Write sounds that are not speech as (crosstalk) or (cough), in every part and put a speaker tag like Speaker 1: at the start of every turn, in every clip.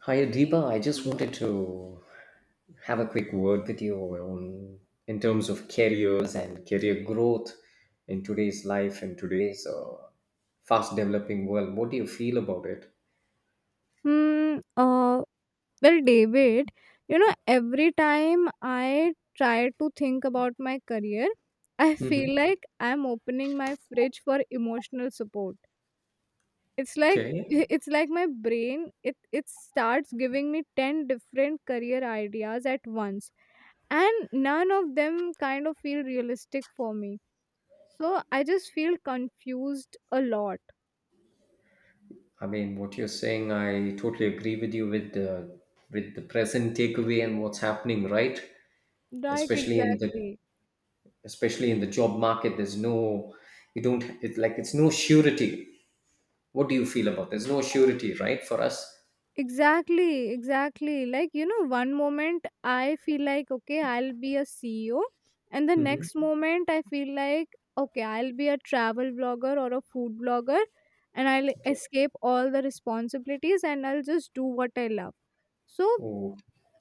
Speaker 1: Hi, Deepa. I just wanted to have a quick word with you on in terms of careers and career growth in today's life and today's fast developing world. What do you feel about it?
Speaker 2: Hmm. Uh, well, David, you know, every time I try to think about my career, (laughs) I
Speaker 1: hmm
Speaker 2: feel like I'm opening my fridge for emotional support. It's like (laughs)
Speaker 1: Okay.
Speaker 2: it's like my brain it it starts giving me 10 different career ideas at once, and none of them kind of feel realistic for me. So I just feel confused a lot.
Speaker 1: I mean, what you're saying, I totally agree with you with the present takeaway and what's happening, right?
Speaker 2: Right,
Speaker 1: Especially in the
Speaker 2: exactly.
Speaker 1: especially in the job market, there's no you don't it's like it's no surety. What do you feel about? There's no surety, right, for us?
Speaker 2: Exactly, exactly. Like, you know, one moment I feel like, okay, I'll be a CEO, and the
Speaker 1: Mhm.
Speaker 2: next moment I feel like, okay, I'll be a travel blogger or a food blogger, and I'll
Speaker 1: Okay.
Speaker 2: escape all the responsibilities and I'll just do what I love. So,
Speaker 1: Oh,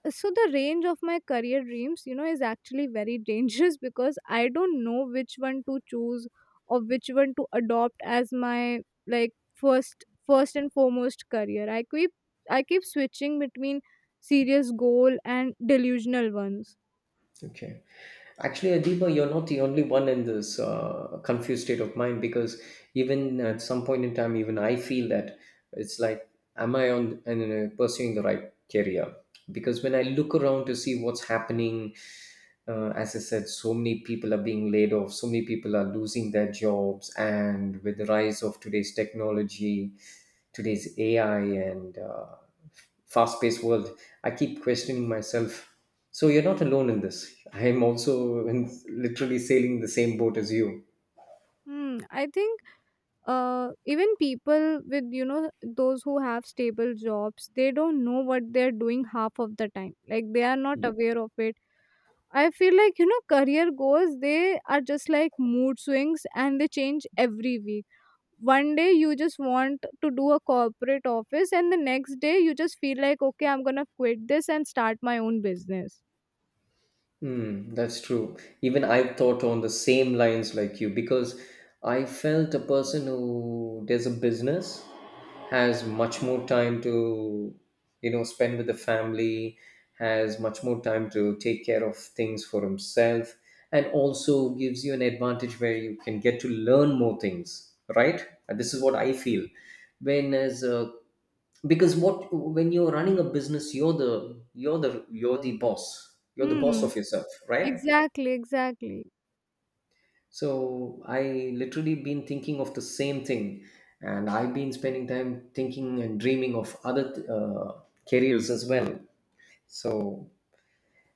Speaker 2: so the range of my career dreams, you know, is actually very (laughs) dangerous because I don't know which one to choose or which one to adopt as my, like, first and foremost career. I keep, I keep switching between serious goal and delusional ones.
Speaker 1: okay. Actually, Adiba, you're not the only one in this confused state of mind because even at some point in time, even I feel that it's like, am I on and pursuing the right career? Because when I look around to see what's happening, as I said, so many people are being laid off, so many people are losing their jobs, and with the rise of today's technology, today's AI, and fast paced world, I keep questioning myself. So you're not alone in this. I am also in, literally sailing the same boat as you.
Speaker 2: I think even people with, you know, those who have stable jobs, they don't know what they're doing half of the time. Like, they are not aware of it. I feel like, you know, career goals, they are just like mood swings and they change every week. One day you just want to do a corporate office, and the next day you just feel like, okay, I'm gonna quit this and start my own business.
Speaker 1: Hmm, that's true. Even I thought on the same lines like you because I felt a person who does a business has much more time to, you know, spend with the family, has much more time to take care of things for himself, and also gives you an advantage where you can get to learn more things, right? And this is what I feel. When as a because what when you're running a business you're the boss, you're the boss
Speaker 2: Hmm.
Speaker 1: of yourself, right?
Speaker 2: Exactly, exactly.
Speaker 1: So I literally been thinking of the same thing, and I've been spending time thinking and dreaming of other careers as well. So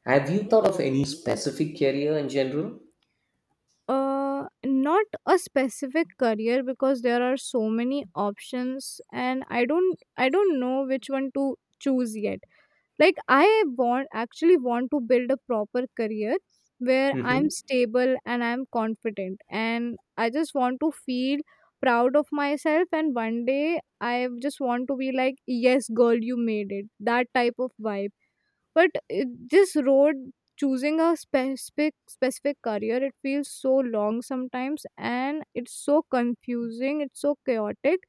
Speaker 1: have you thought of any specific career in general?
Speaker 2: Not a specific career because there are so many options, and I don't know which one to choose yet. Like, I want actually want to build a proper career where I'm
Speaker 1: hmm
Speaker 2: stable and I'm confident, and I just want to feel proud of myself. And one day I just want to be like, yes girl, you made it, that type of vibe. But it, this road, choosing a specific career, it feels so long sometimes, and it's so confusing, it's so chaotic,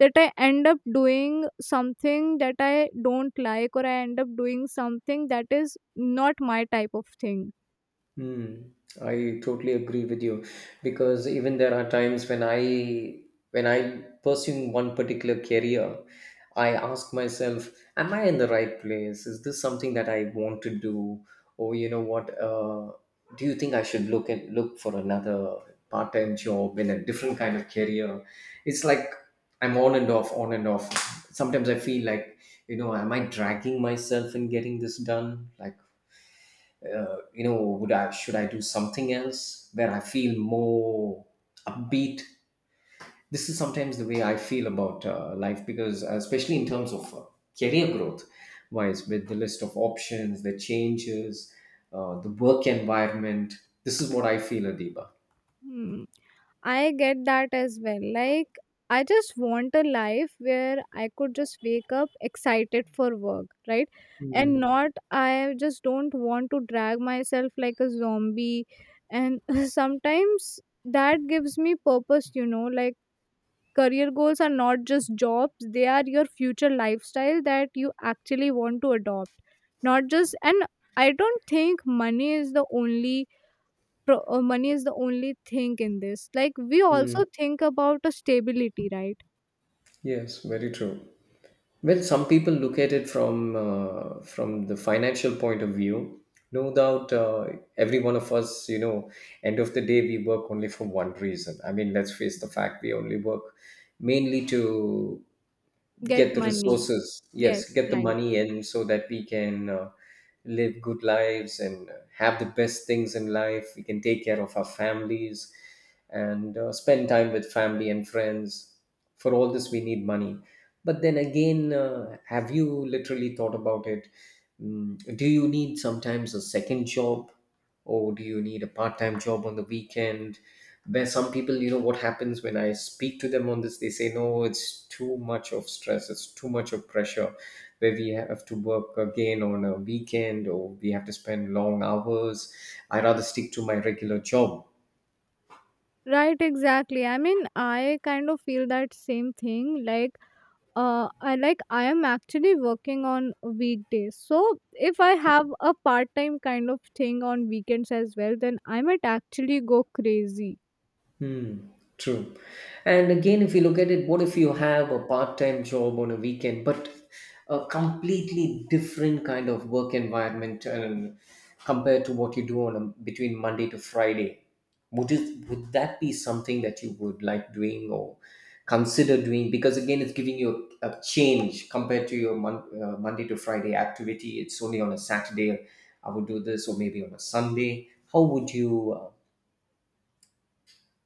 Speaker 2: that I end up doing something that I don't like, or I end up doing something that is not my type of thing.
Speaker 1: Hmm, I totally agree with you because even there are times when I pursuing one particular career, I ask myself, am I in the right place? Is this something that I want to do? Or you know what, do you think I should look for another part-time job in a different kind of career? It's like I'm on and off, on and off. Sometimes I feel like, you know, am I dragging myself in getting this done? Like you know would I should I do something else where I feel more upbeat. This is sometimes the way I feel about life because especially in terms of career growth wise with the list of options the changes the work environment. This is what I feel, Adiba.
Speaker 2: Hmm. I get that as well. Like, I just want a life where I could just wake up excited for work, right? And
Speaker 1: Mm.
Speaker 2: not, I just don't want to drag myself like a zombie. And (laughs) sometimes that gives me purpose, you know, like career goals are not just jobs, they are your future lifestyle that you actually want to adopt. Not just, and I don't think money is the only money is the only thing in this, like we
Speaker 1: Mm.
Speaker 2: also think about a stability, right?
Speaker 1: Yes, very true. Well, some people look at it from the financial point of view. No doubt, every one of us, you know, end of the day, we work only for one reason. I mean, let's face the fact: we only work mainly to
Speaker 2: Get
Speaker 1: get the
Speaker 2: money.
Speaker 1: resources.
Speaker 2: Yes,
Speaker 1: Yes, get the
Speaker 2: right.
Speaker 1: money in so that we can live good lives and have the best things in life. We can take care of our families and spend time with family and friends. For all this we need money. But then again, have you literally thought about it? Mm, do you need sometimes a second job? Oh, do you need a part-time job on the weekend where some people, you know what happens when I speak to them on this, they say no, it's too much of stress, it's too much of pressure. Where we have to work again on a weekend or we have to spend long hours, I rather stick to my regular job.
Speaker 2: Right, exactly. I mean, I kind of feel that same thing. Like, I am actually working on weekdays. So if I have a part time kind of thing on weekends as well, then I might actually go crazy.
Speaker 1: Hmm, true. And again, if you look at it, what if you have a part-time job on a weekend, but a completely different kind of work environment and compared to what you do on a, between Monday to Friday? Would that be something that you would like doing or consider doing? Because again, it's giving you a change compared to your Monday to Friday activity. It's only on a Saturday I would do this, or maybe on a Sunday. How would you?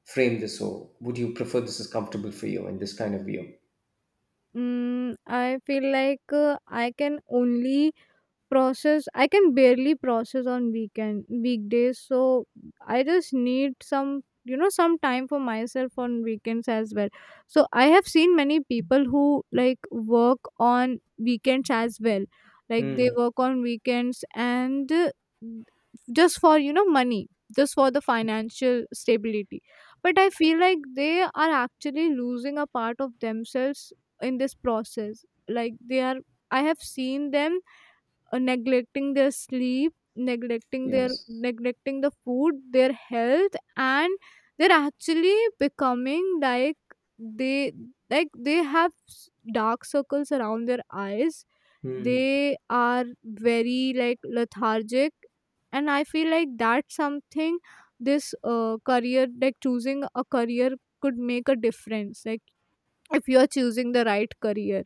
Speaker 1: Frame this. So would you prefer this, is comfortable for you, in this kind of view?
Speaker 2: mm, I feel like, I can only process I can barely process on weekend weekdays, so I just need some, you know, some time for myself on weekends as well. So I have seen many people who, like, work on weekends as well. Like, they
Speaker 1: Hmm.
Speaker 2: work on weekends and, just for, you know, money, just for the financial stability. But I feel like they are actually losing a part of themselves in this process. Like they are, I have seen them, neglecting their sleep,
Speaker 1: Yes.
Speaker 2: neglecting the food, their health, and they're actually becoming like, they, like they have dark circles around their eyes.
Speaker 1: Hmm.
Speaker 2: They are very, like, lethargic. And I feel like that's something, this career, like choosing a career could make a difference, like if you are choosing the right career.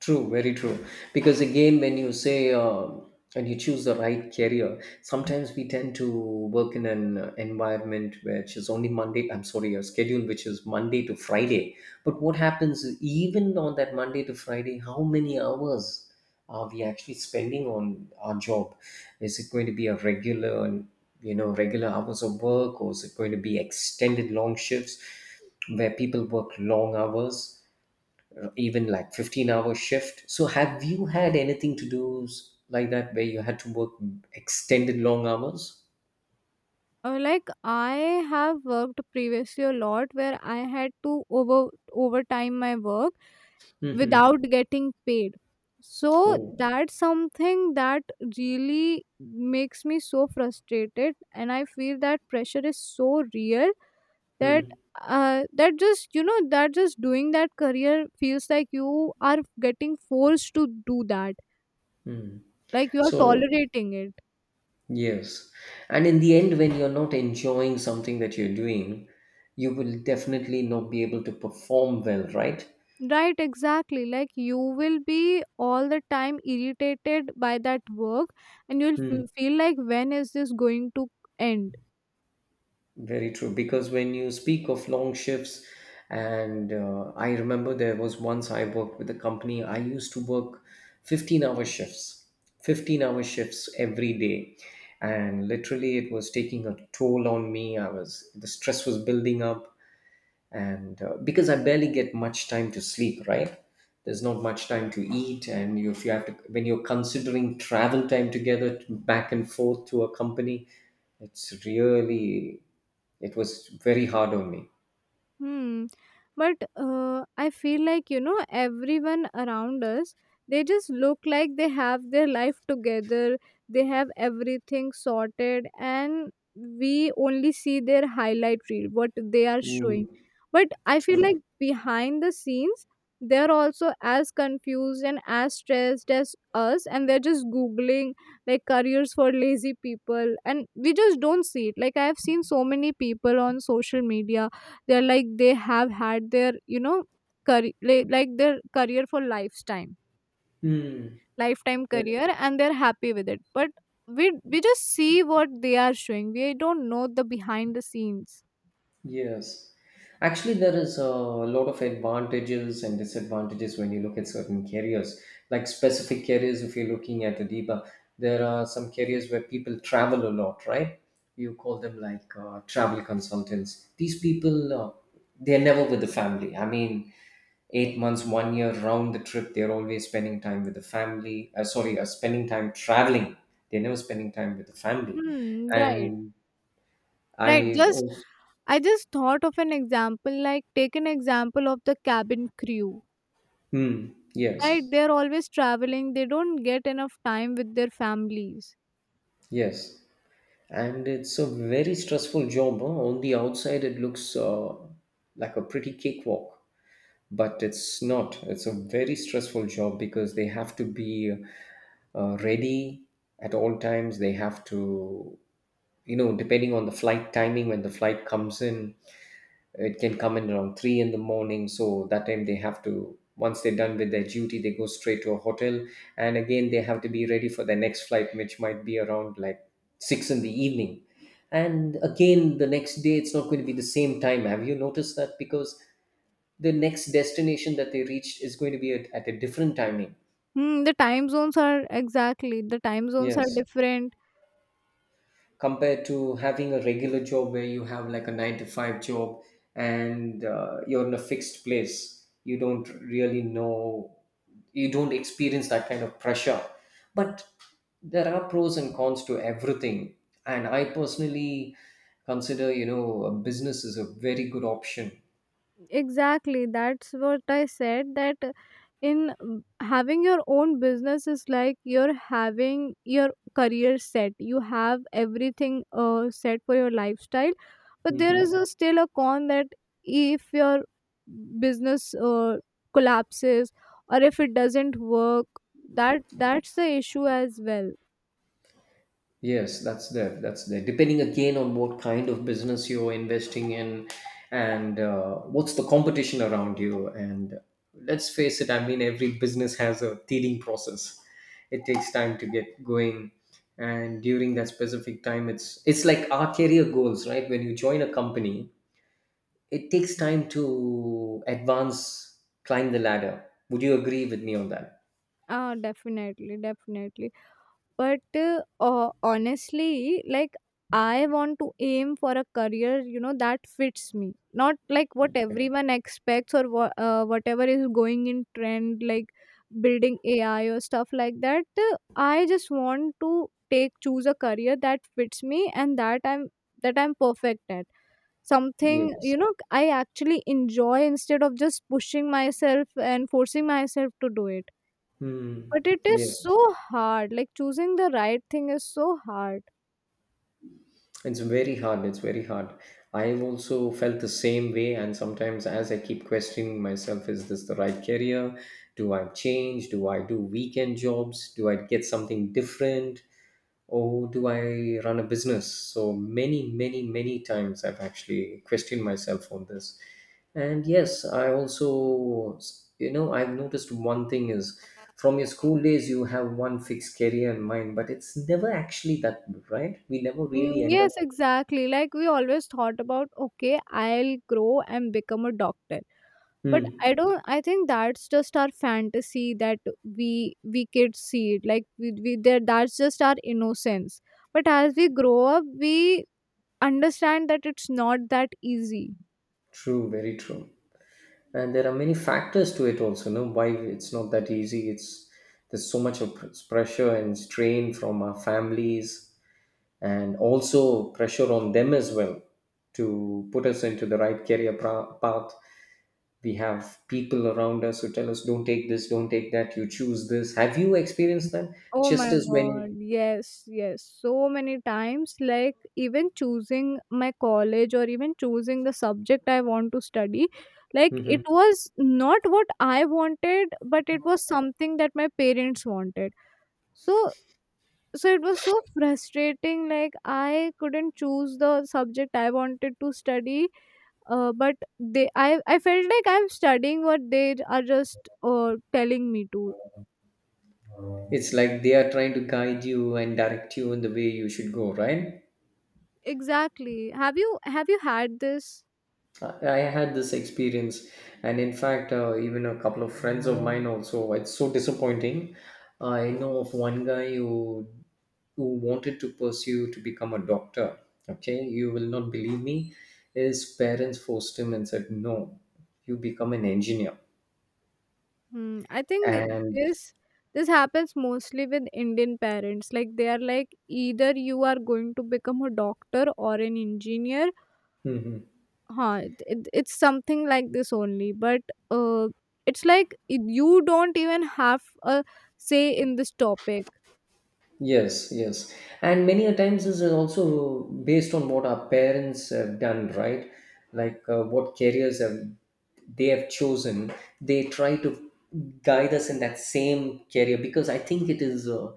Speaker 1: True, very true. Because again, when you say and you choose the right career, sometimes we tend to work in an environment which is only Monday. I'm sorry, a schedule which is Monday to Friday. But what happens is even on that Monday to Friday? How many hours are we actually spending on our job? Is it going to be a regular, you know, regular hours of work, or is it going to be extended long shifts where people work long hours? Even like 15-hour shift. So have you had anything to do like that where you had to work extended long hours?
Speaker 2: Like, I have worked previously a lot where I had to overtime my work
Speaker 1: Mm-hmm.
Speaker 2: without getting paid. So
Speaker 1: Oh.
Speaker 2: that's something that really makes me so frustrated, and I feel that pressure is so real. That
Speaker 1: Mm.
Speaker 2: just, you know, that just doing that career feels like you are getting forced to do that,
Speaker 1: Mm.
Speaker 2: like you are
Speaker 1: So
Speaker 2: tolerating it.
Speaker 1: yes, and in the end when you're not enjoying something that you're doing, you will definitely not be able to perform well, right?
Speaker 2: Right, exactly. Like, you will be all the time irritated by that work, and you'll feel like, when is this going to end?
Speaker 1: Very true. Because when you speak of long shifts, and I remember there was once I worked with a company, I used to work 15-hour shifts, 15-hour shifts every day. And literally, it was taking a toll on me. I was, the stress was building up and because I barely get much time to sleep, right? There's not much time to eat, and you, if you have to when you're considering travel time together to- back and forth to a company, it's really it was very hard on me.
Speaker 2: Hmm. But I feel like, you know, everyone around us, they just look like they have their life together, they have everything sorted, and we only see their highlight reel, what they are
Speaker 1: Mm,
Speaker 2: showing. But I feel like
Speaker 1: true.
Speaker 2: behind the scenes, they're also as confused and as stressed as us, and they're just googling like careers for lazy people, and we just don't see it. Like, I have seen so many people on social media. They're like, they have had their, you know, career, like their career for lifetime
Speaker 1: Hmm.
Speaker 2: lifetime career, and they're happy with it. But we just see what they are showing. We don't know the behind the scenes.
Speaker 1: Yes. Actually, there is a lot of advantages and disadvantages when you look at certain carriers, like specific carriers. If you're looking at Adiba, there are some carriers where people travel a lot, right? You call them like travel consultants. These people, they're never with the family. I mean, 8 months, 1 year round the trip, they're always spending time with the family. Spending time traveling. They're never spending time with the family.
Speaker 2: Hmm, right.
Speaker 1: And
Speaker 2: Right.
Speaker 1: I've
Speaker 2: Just,
Speaker 1: also,
Speaker 2: I just thought of an example, like take an example of the cabin crew.
Speaker 1: hmm,
Speaker 2: Right?
Speaker 1: yes.
Speaker 2: They're always traveling. They don't get enough time with their families.
Speaker 1: Yes, and it's a very stressful job. Huh? On the outside, it looks like a pretty cakewalk, but it's not. It's a very stressful job because they have to be ready at all times. They have to, you know, depending on the flight timing, when the flight comes in, it can come in around 3 in the morning. So that time they have to once they're done with their duty they go straight to a hotel, and again they have to be ready for their next flight which might be around like 6 in the evening. And again the next day it's not going to be the same time. Have you noticed that? Because the next destination that they reached is going to be at a different timing.
Speaker 2: Hmm, the time zones are exactly, the time zones are
Speaker 1: Yes,
Speaker 2: different.
Speaker 1: compared to having a regular job where you have like a 9 to 5 job and you're in a fixed place, you don't really know, you don't experience that kind of pressure. But there are pros and cons to everything, and I personally consider, you know, a business is a very good option.
Speaker 2: Exactly, that's what I said. That in having your own business is like you're having your career set. You have everything set for your lifestyle, but there is
Speaker 1: Mhm.
Speaker 2: a, still a con, that if your business collapses or if it doesn't work, that's the issue as well.
Speaker 1: Yes, that's there. That's there. Depending again on what kind of business you're investing in and what's the competition around you. And let's face it, I mean, every business has a teething process. It takes time to get going. And during that specific time, it's like our career goals, right? When you join a company, it takes time to advance, climb the ladder. Would you agree with me on that?
Speaker 2: Ah, definitely, definitely. But, honestly, like, I want to aim for a career, you know, that fits me. Not like what everyone expects or whatever is going in trend, like building AI or stuff like that. I just want to take choose a career that fits me and that I'm perfect at. Something,
Speaker 1: Yes.
Speaker 2: you know, I actually enjoy, instead of just pushing myself and forcing myself to do it.
Speaker 1: Hmm.
Speaker 2: But it is
Speaker 1: Yes.
Speaker 2: so hard. Like choosing the right thing is so hard.
Speaker 1: It's very hard. It's very hard. I've also felt the same way, and sometimes as I keep questioning myself, is this the right career? Do I change? Do I do weekend jobs? Do I get something different? Or do I run a business? So many, many, many times I've actually questioned myself on this. And yes, I also, you know, I've noticed one thing is from your school days, you have one fixed career in mind, but it's never actually that, right? We never really end up.
Speaker 2: Yes, exactly. Like we always thought about, okay, I'll grow and become a doctor. But
Speaker 1: Hmm.
Speaker 2: I don't. I think that's just our fantasy that we kids see. It. Like we there. That's just our innocence. But as we grow up, we understand that it's not that easy.
Speaker 1: True, very true. And there are many factors to it also, no? Why it's not that easy. It's there's so much of pressure and strain from our families and also pressure on them as well to put us into the right career path. We have people around us who tell us, don't take this, don't take that, you choose this. Have you experienced that?
Speaker 2: Oh
Speaker 1: Just
Speaker 2: my
Speaker 1: as
Speaker 2: god,
Speaker 1: when.
Speaker 2: yes, yes. So many times, like even choosing my college or even choosing the subject I want to study, like it
Speaker 1: Mhm.
Speaker 2: was not what I wanted, but it was something that my parents wanted. So, so it was so frustrating. Like I couldn't choose the subject I wanted to study, but I felt like I'm studying what they are just telling me to.
Speaker 1: It's like they are trying to guide you and direct you in the way you should go, right?
Speaker 2: Exactly. Have you had this?
Speaker 1: I had this experience, and in fact, even a couple of friends of mine also. It's so disappointing. I know of one guy who wanted to pursue to become a doctor. Okay, you will not believe me. His parents forced him and said, "No, you become an engineer."
Speaker 2: I think
Speaker 1: And
Speaker 2: this this happens mostly with Indian parents. Like, they are like, either you are going to become a doctor or an engineer.
Speaker 1: (laughs)
Speaker 2: Huh, it's something like this only. But uh, it's like you don't even have a say in this topic.
Speaker 1: Yes, yes. And many a times this is also based on what our parents have done, right? Like what careers have they have chosen. They try to guide us in that same career because I think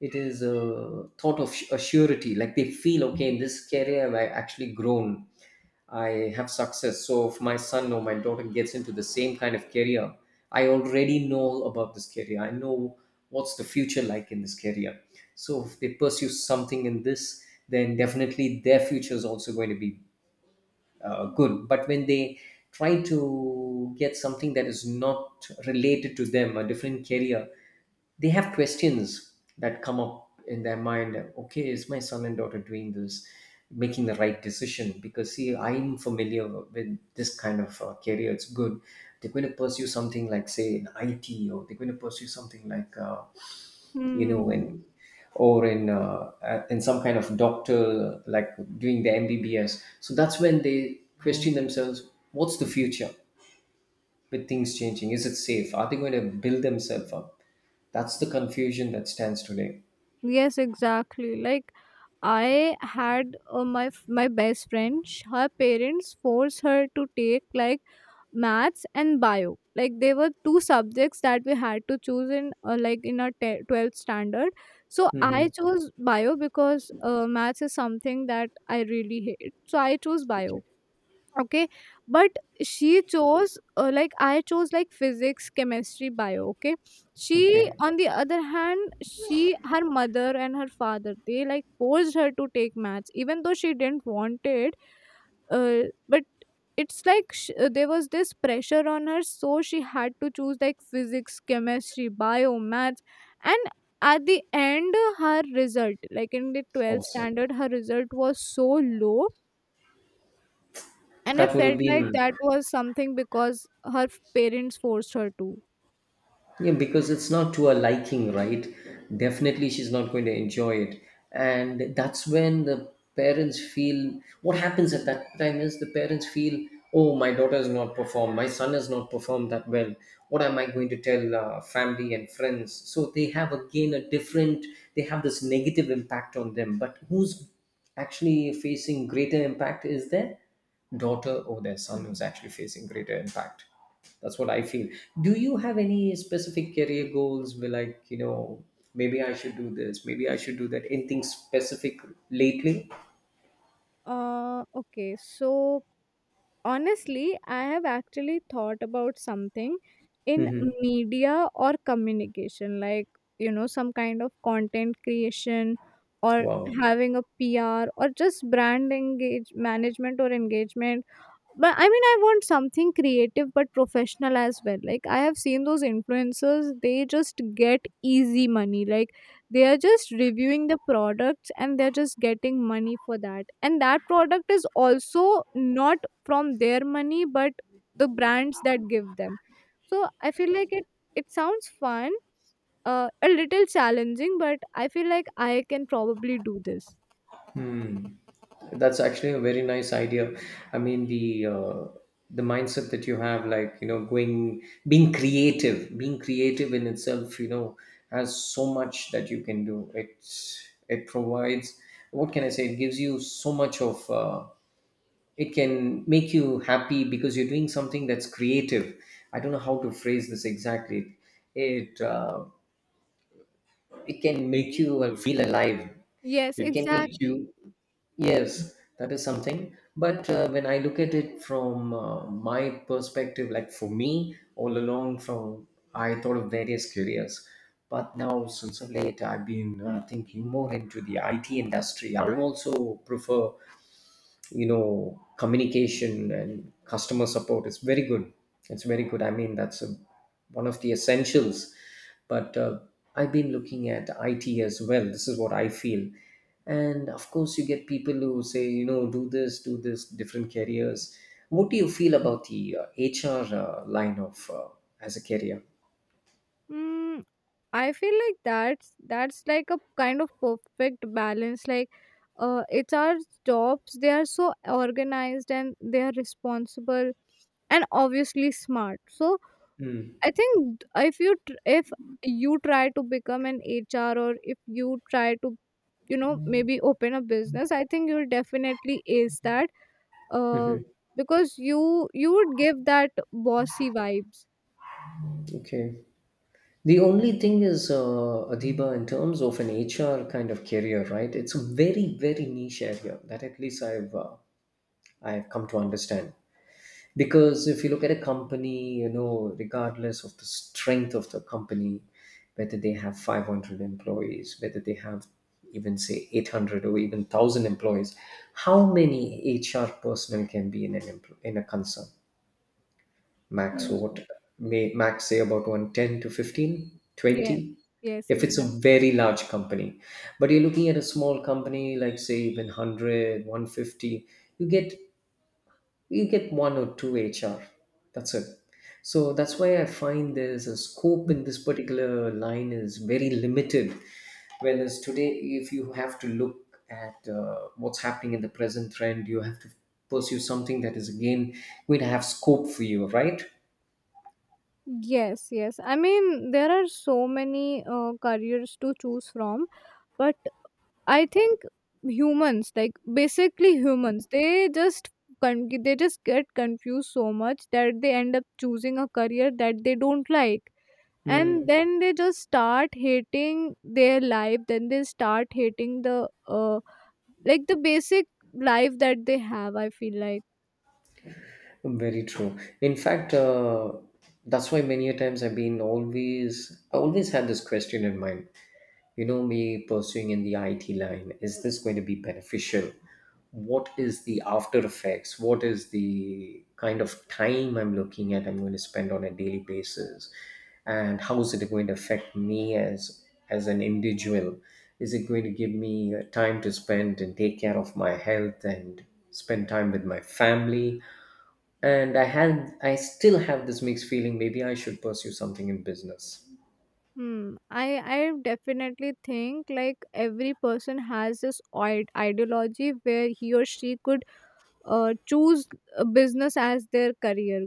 Speaker 1: it is a thought of a surety. Like they feel okay in this career, I've actually grown. I have success. So if my son or my daughter gets into the same kind of career, I already know about this career. I know what's the future like in this career. So if they pursue something in this, then definitely their future is also going to be good. But when they try to get something that is not related to them, a different career, they have questions that come up in their mind. Okay, is my son and daughter doing this, making the right decision? Because see, I'm familiar with this kind of career. It's good. They're going to pursue something like say an IT, or they're going to pursue something like you know in
Speaker 2: Hmm.
Speaker 1: or in in some kind of doctor, like doing the MBBS. So that's when they question themselves, what's the future? With things changing, is it safe? Are they going to build themselves up? That's the confusion that stands today.
Speaker 2: Yes, exactly. Like I had my my best friend. Her parents forced her to take like maths and bio. Like, they were two subjects that we had to choose in like in our 12th standard. So
Speaker 1: Hmm.
Speaker 2: I chose bio because maths is something that I really hate. So I chose bio.
Speaker 1: Okay.
Speaker 2: Okay. But she chose, like I chose like, physics chemistry bio. Okay. she
Speaker 1: Okay.
Speaker 2: On the other hand, she, her mother and her father, they like forced her to take maths even though she didn't want it. Uh, but it's like, there was this pressure on her, so she had to choose like physics chemistry bio maths. And at the end, her result, like in the 12th
Speaker 1: Awesome.
Speaker 2: standard, her result was so low. And I
Speaker 1: That would have
Speaker 2: felt like
Speaker 1: been.
Speaker 2: that was something because her parents forced her to.
Speaker 1: Yeah, because it's not to her liking, right? Definitely, she's not going to enjoy it. And that's when the parents feel, what happens at that time is the parents feel, oh, my daughter has not performed, my son has not performed that well. What am I going to tell family and friends? So they have again a they have this negative impact on them. But who's actually facing greater impact is their daughter or their son, who's actually facing greater impact? That's what I feel. Do you have any specific career goals, where like, you know, maybe I should do this, maybe I should do that, anything specific lately?
Speaker 2: Okay so, honestly, I have actually thought about something in
Speaker 1: Hmm.
Speaker 2: media or communication, like, you know, some kind of content creation, or
Speaker 1: Wow.
Speaker 2: having a PR, or just brand engage management or engagement. But I mean, I want something creative but professional as well. Like, I have seen those influencers, they just get easy money. Like, they are just reviewing the products, and they're just getting money for that, and that product is also not from their money, but the brands that give them. So I feel like it sounds fun, a little challenging, but I feel like I can probably do this.
Speaker 1: That's actually a very nice idea. I mean, the mindset that you have, like, you know, going, being creative, being creative in itself, you know, has so much that you can do it. It provides, what can I say, it gives you so much of it can make you happy because you're doing something that's creative. I don't know how to phrase this exactly. It uh, it can make you feel alive.
Speaker 2: Yes,
Speaker 1: It can make you.
Speaker 2: exactly.
Speaker 1: Yes, that is something. But when I look at it from my perspective, like for me all along from, I thought of various careers. But now since of late I've been thinking more into the IT industry. I also prefer, you know, communication, and customer support is very good. It's very good. I mean, that's a, one of the essentials. But I've been looking at it as well. This is what I feel. And of course, you get people who say, you know, do this, do this, different careers. What do you feel about the HR line of as a career?
Speaker 2: Mm, I feel like that's like a kind of perfect balance. Like, it's our jobs. They are so organized and they are responsible and obviously smart. So I
Speaker 1: Mm-hmm.
Speaker 2: think if you tr- if you try to become an HR, or if you try to, you know, maybe open a business, I think you'll definitely ace that. Uh, because you would give that bossy vibes.
Speaker 1: Okay. The only thing is, Adiba, in terms of an HR kind of career, right? It's a very, very niche area, that at least I've come to understand. Because if you look at a company, you know, regardless of the strength of the company, whether they have 500 employees, whether they have even say 800 or even 1000 employees, how many HR personnel can be in an in a concern? Max, what,
Speaker 2: Mhm.
Speaker 1: may max say about 110 to 15
Speaker 2: Yes.
Speaker 1: 20?
Speaker 2: Yes.
Speaker 1: If it's a
Speaker 2: Exactly.
Speaker 1: very large company, but you're looking at a small company, like say even one hundred one fifty, you get, you get one or two HR, that's it. So that's why I find there's a scope in this particular line is very limited. Whereas today if you have to look at what's happening in the present trend, you have to pursue something that is again going to have scope for you, right?
Speaker 2: Yes, yes. I mean, there are so many careers to choose from, but I think humans, like basically humans, they just they just get confused so much that they end up choosing a career that they don't like. And
Speaker 1: Hmm.
Speaker 2: then they just start hating their life, then they start hating the basic life that they have, I feel like.
Speaker 1: Very true. In fact, that's why many a times I've been always, I always had this question in mind. You know, me pursuing in the IT line, is this going to be beneficial? What is the after effects? What is the kind of time I'm looking at, I'm going to spend on a daily basis? And how is it going to affect me as an individual? Is it going to give me time to spend and take care of my health and spend time with my family? And I had, I still have this mixed feeling, maybe I should pursue something in business.
Speaker 2: Hmm. I definitely think like every person has this ideology where he or she could choose a business as their career,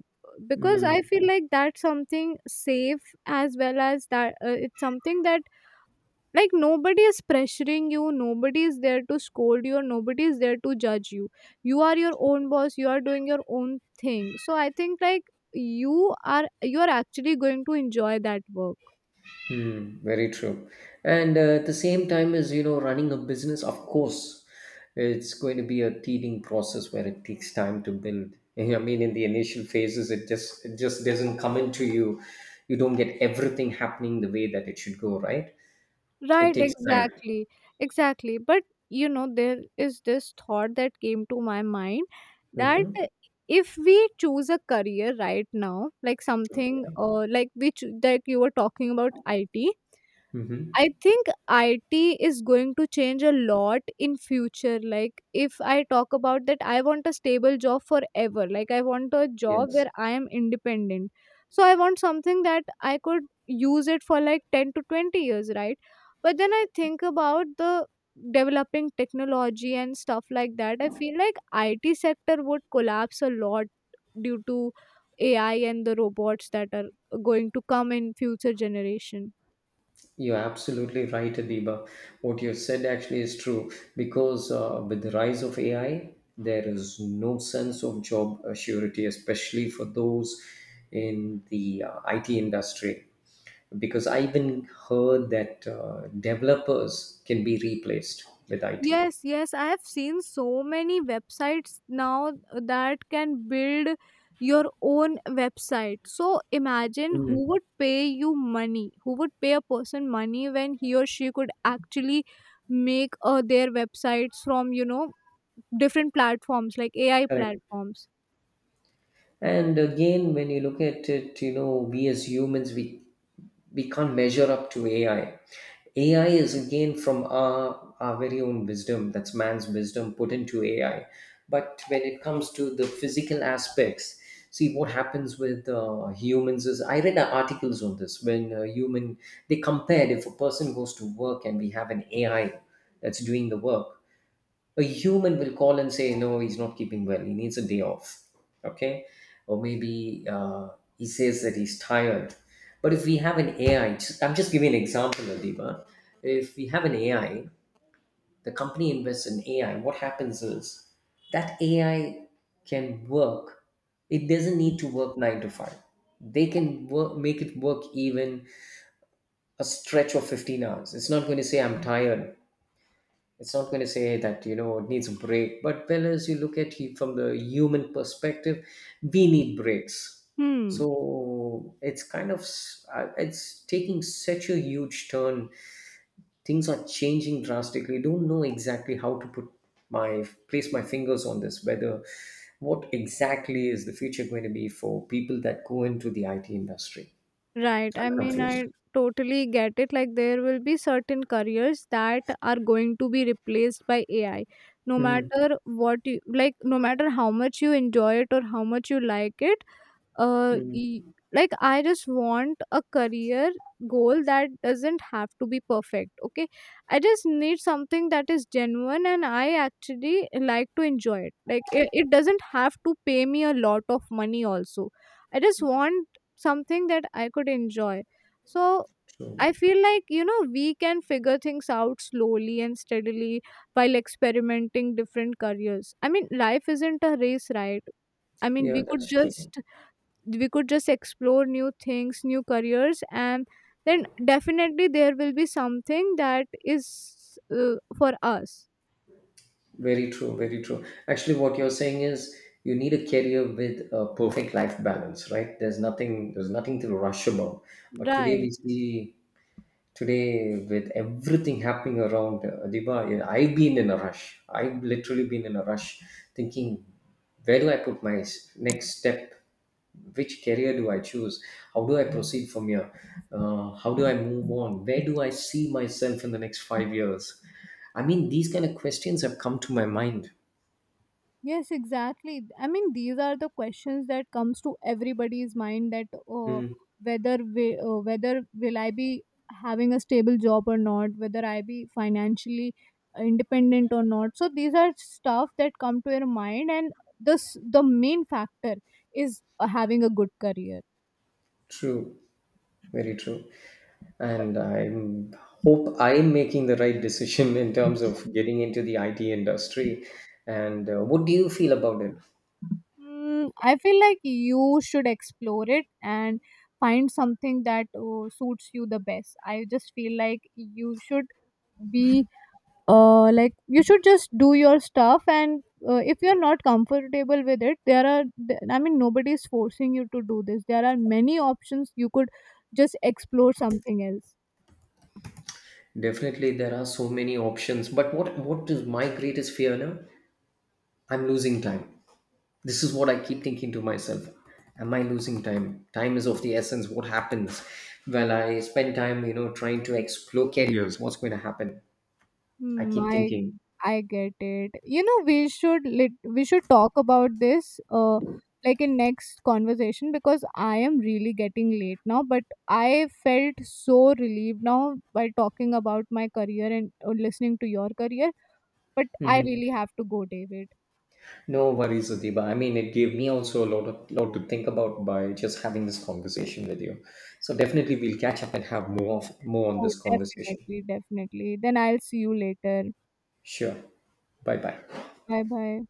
Speaker 2: because I
Speaker 1: Mm,
Speaker 2: feel like that's something safe, as well as that it's something that like nobody is pressuring you, nobody is there to scold you, or nobody is there to judge you. You are your own boss. You are doing your own thing. So I think like you are actually going to enjoy that work.
Speaker 1: mm, very true. And at the same time, as you know, running a business, of course, it's going to be a teething process where it takes time to build. (laughs) I mean, in the initial phases, it just doesn't come into you. You don't get everything happening the way that it should go, right? It
Speaker 2: Right,
Speaker 1: takes time.
Speaker 2: exactly. Exactly. But you know, there is this thought that came to my mind that
Speaker 1: Hmm.
Speaker 2: if we choose a career right now, like something
Speaker 1: Okay.
Speaker 2: like, which like you were talking about, IT,
Speaker 1: Hmm.
Speaker 2: I think IT is going to change a lot in future. Like if I talk about that, I want a stable job forever. Like I want a job
Speaker 1: Yes.
Speaker 2: where I am independent. So I want something that I could use it for like 10 to 20 years, right? But then I think about the developing technology and stuff like that. I feel like IT sector would collapse a lot due to AI and the robots that are going to come in future generation.
Speaker 1: You're absolutely right, Adiba. What you said actually is true because with the rise of AI, there is no sense of job surety, especially for those in the IT industry. Because I even heard that developers can be replaced with IT.
Speaker 2: Yes, yes, I have seen so many websites now that can build your own website. So imagine
Speaker 1: Mm,
Speaker 2: who would pay you money, who would pay a person money when he or she could actually make their websites from, you know, different platforms like AI
Speaker 1: correct.
Speaker 2: platforms.
Speaker 1: And again, when you look at it, you know, we as humans, we can't measure up to AI. AI is again from our very own wisdom, that's man's wisdom put into AI. But when it comes to the physical aspects, see, what happens with humans is, I read articles on this. When a human, they compared, if a person goes to work and we have an AI that's doing the work, a human will call and say no, he's not keeping well, he needs a day off. Okay. Or maybe he says that he's tired. But if we have an AI, I'm just giving an example, Adiba, if we have an AI, the company invests in AI, what happens is that AI can work, it doesn't need to work 9 to 5. They can work, make it work, even a stretch of 15 hours. It's not going to say I'm tired. It's not going to say that, you know, it needs a break. But well, as you look at it from the human perspective, we need breaks.
Speaker 2: Hmm.
Speaker 1: So it's kind of, it's taking such a huge turn. Things are changing drastically. Don't know exactly how to put place my fingers on this, whether what exactly is the future going to be for people that go into the IT industry.
Speaker 2: Right. I
Speaker 1: I'm
Speaker 2: mean,
Speaker 1: confused.
Speaker 2: I totally get it. Like, there will be certain careers that are going to be replaced by AI. No
Speaker 1: Mm,
Speaker 2: matter what you like, no matter how much you enjoy it or how much you like it, uh y-
Speaker 1: mm.
Speaker 2: like, I just want a career goal that doesn't have to be perfect, okay? I just need something that is genuine and I actually like to enjoy it. Like it doesn't have to pay me a lot of money also. I just want something that I could enjoy. So
Speaker 1: So,
Speaker 2: I feel like, you know, we can figure things out slowly and steadily while experimenting different careers. I mean, life isn't a race, right? I mean,
Speaker 1: yeah,
Speaker 2: we could
Speaker 1: that's true.
Speaker 2: just we could just explore new things, new careers, and then definitely there will be something that is for us.
Speaker 1: Very true, very true. Actually, what you're saying is you need a career with a perfect life balance, right? There's nothing to rush about. But today
Speaker 2: Right.
Speaker 1: we see, today, with everything happening around Adiba, yeah, I've been in a rush. I've literally been in a rush, thinking, where do I put my next step? Which career do I choose? How do I proceed from here? How do I move on? Where do I see myself in the next 5 years? I mean, these kind of questions have come to my mind.
Speaker 2: Yes, exactly. I mean, these are the questions that comes to everybody's mind, that uh,
Speaker 1: Mm,
Speaker 2: whether whether will I be having a stable job or not, whether I be financially independent or not. So these are stuff that come to your mind, and this the main factor is having a good career.
Speaker 1: true. Very true. And I hope I'm making the right decision in terms of getting into the IT industry. And what do you feel about it?
Speaker 2: Mm, I feel like you should explore it and find something that suits you the best. I just feel like you should be like you should just do your stuff, and if you're not comfortable with it, there are I mean, nobody's forcing you to do this. There are many options, you could just explore something else.
Speaker 1: Definitely, there are so many options. But what is my greatest fear now? I'm losing time. This is what I keep thinking to myself. Am I losing time? Time is of the essence. What happens? Well, I spend time, you know, trying to explore careers. What's going to happen? I
Speaker 2: Hmm.
Speaker 1: keep
Speaker 2: I
Speaker 1: thinking.
Speaker 2: I get it. You know, we should talk about this like in next conversation, because I am really getting late now, but I felt so relieved now by talking about my career and listening to your career. But I
Speaker 1: Mhm.
Speaker 2: really have to go, David.
Speaker 1: No worries, Adiba. I mean, it gave me also a lot of lot to think about by just having this conversation with you. So definitely we'll catch up and have more more on
Speaker 2: Oh,
Speaker 1: this conversation.
Speaker 2: definitely, definitely. Then I'll see you later.
Speaker 1: Sure. Bye bye.
Speaker 2: Bye bye.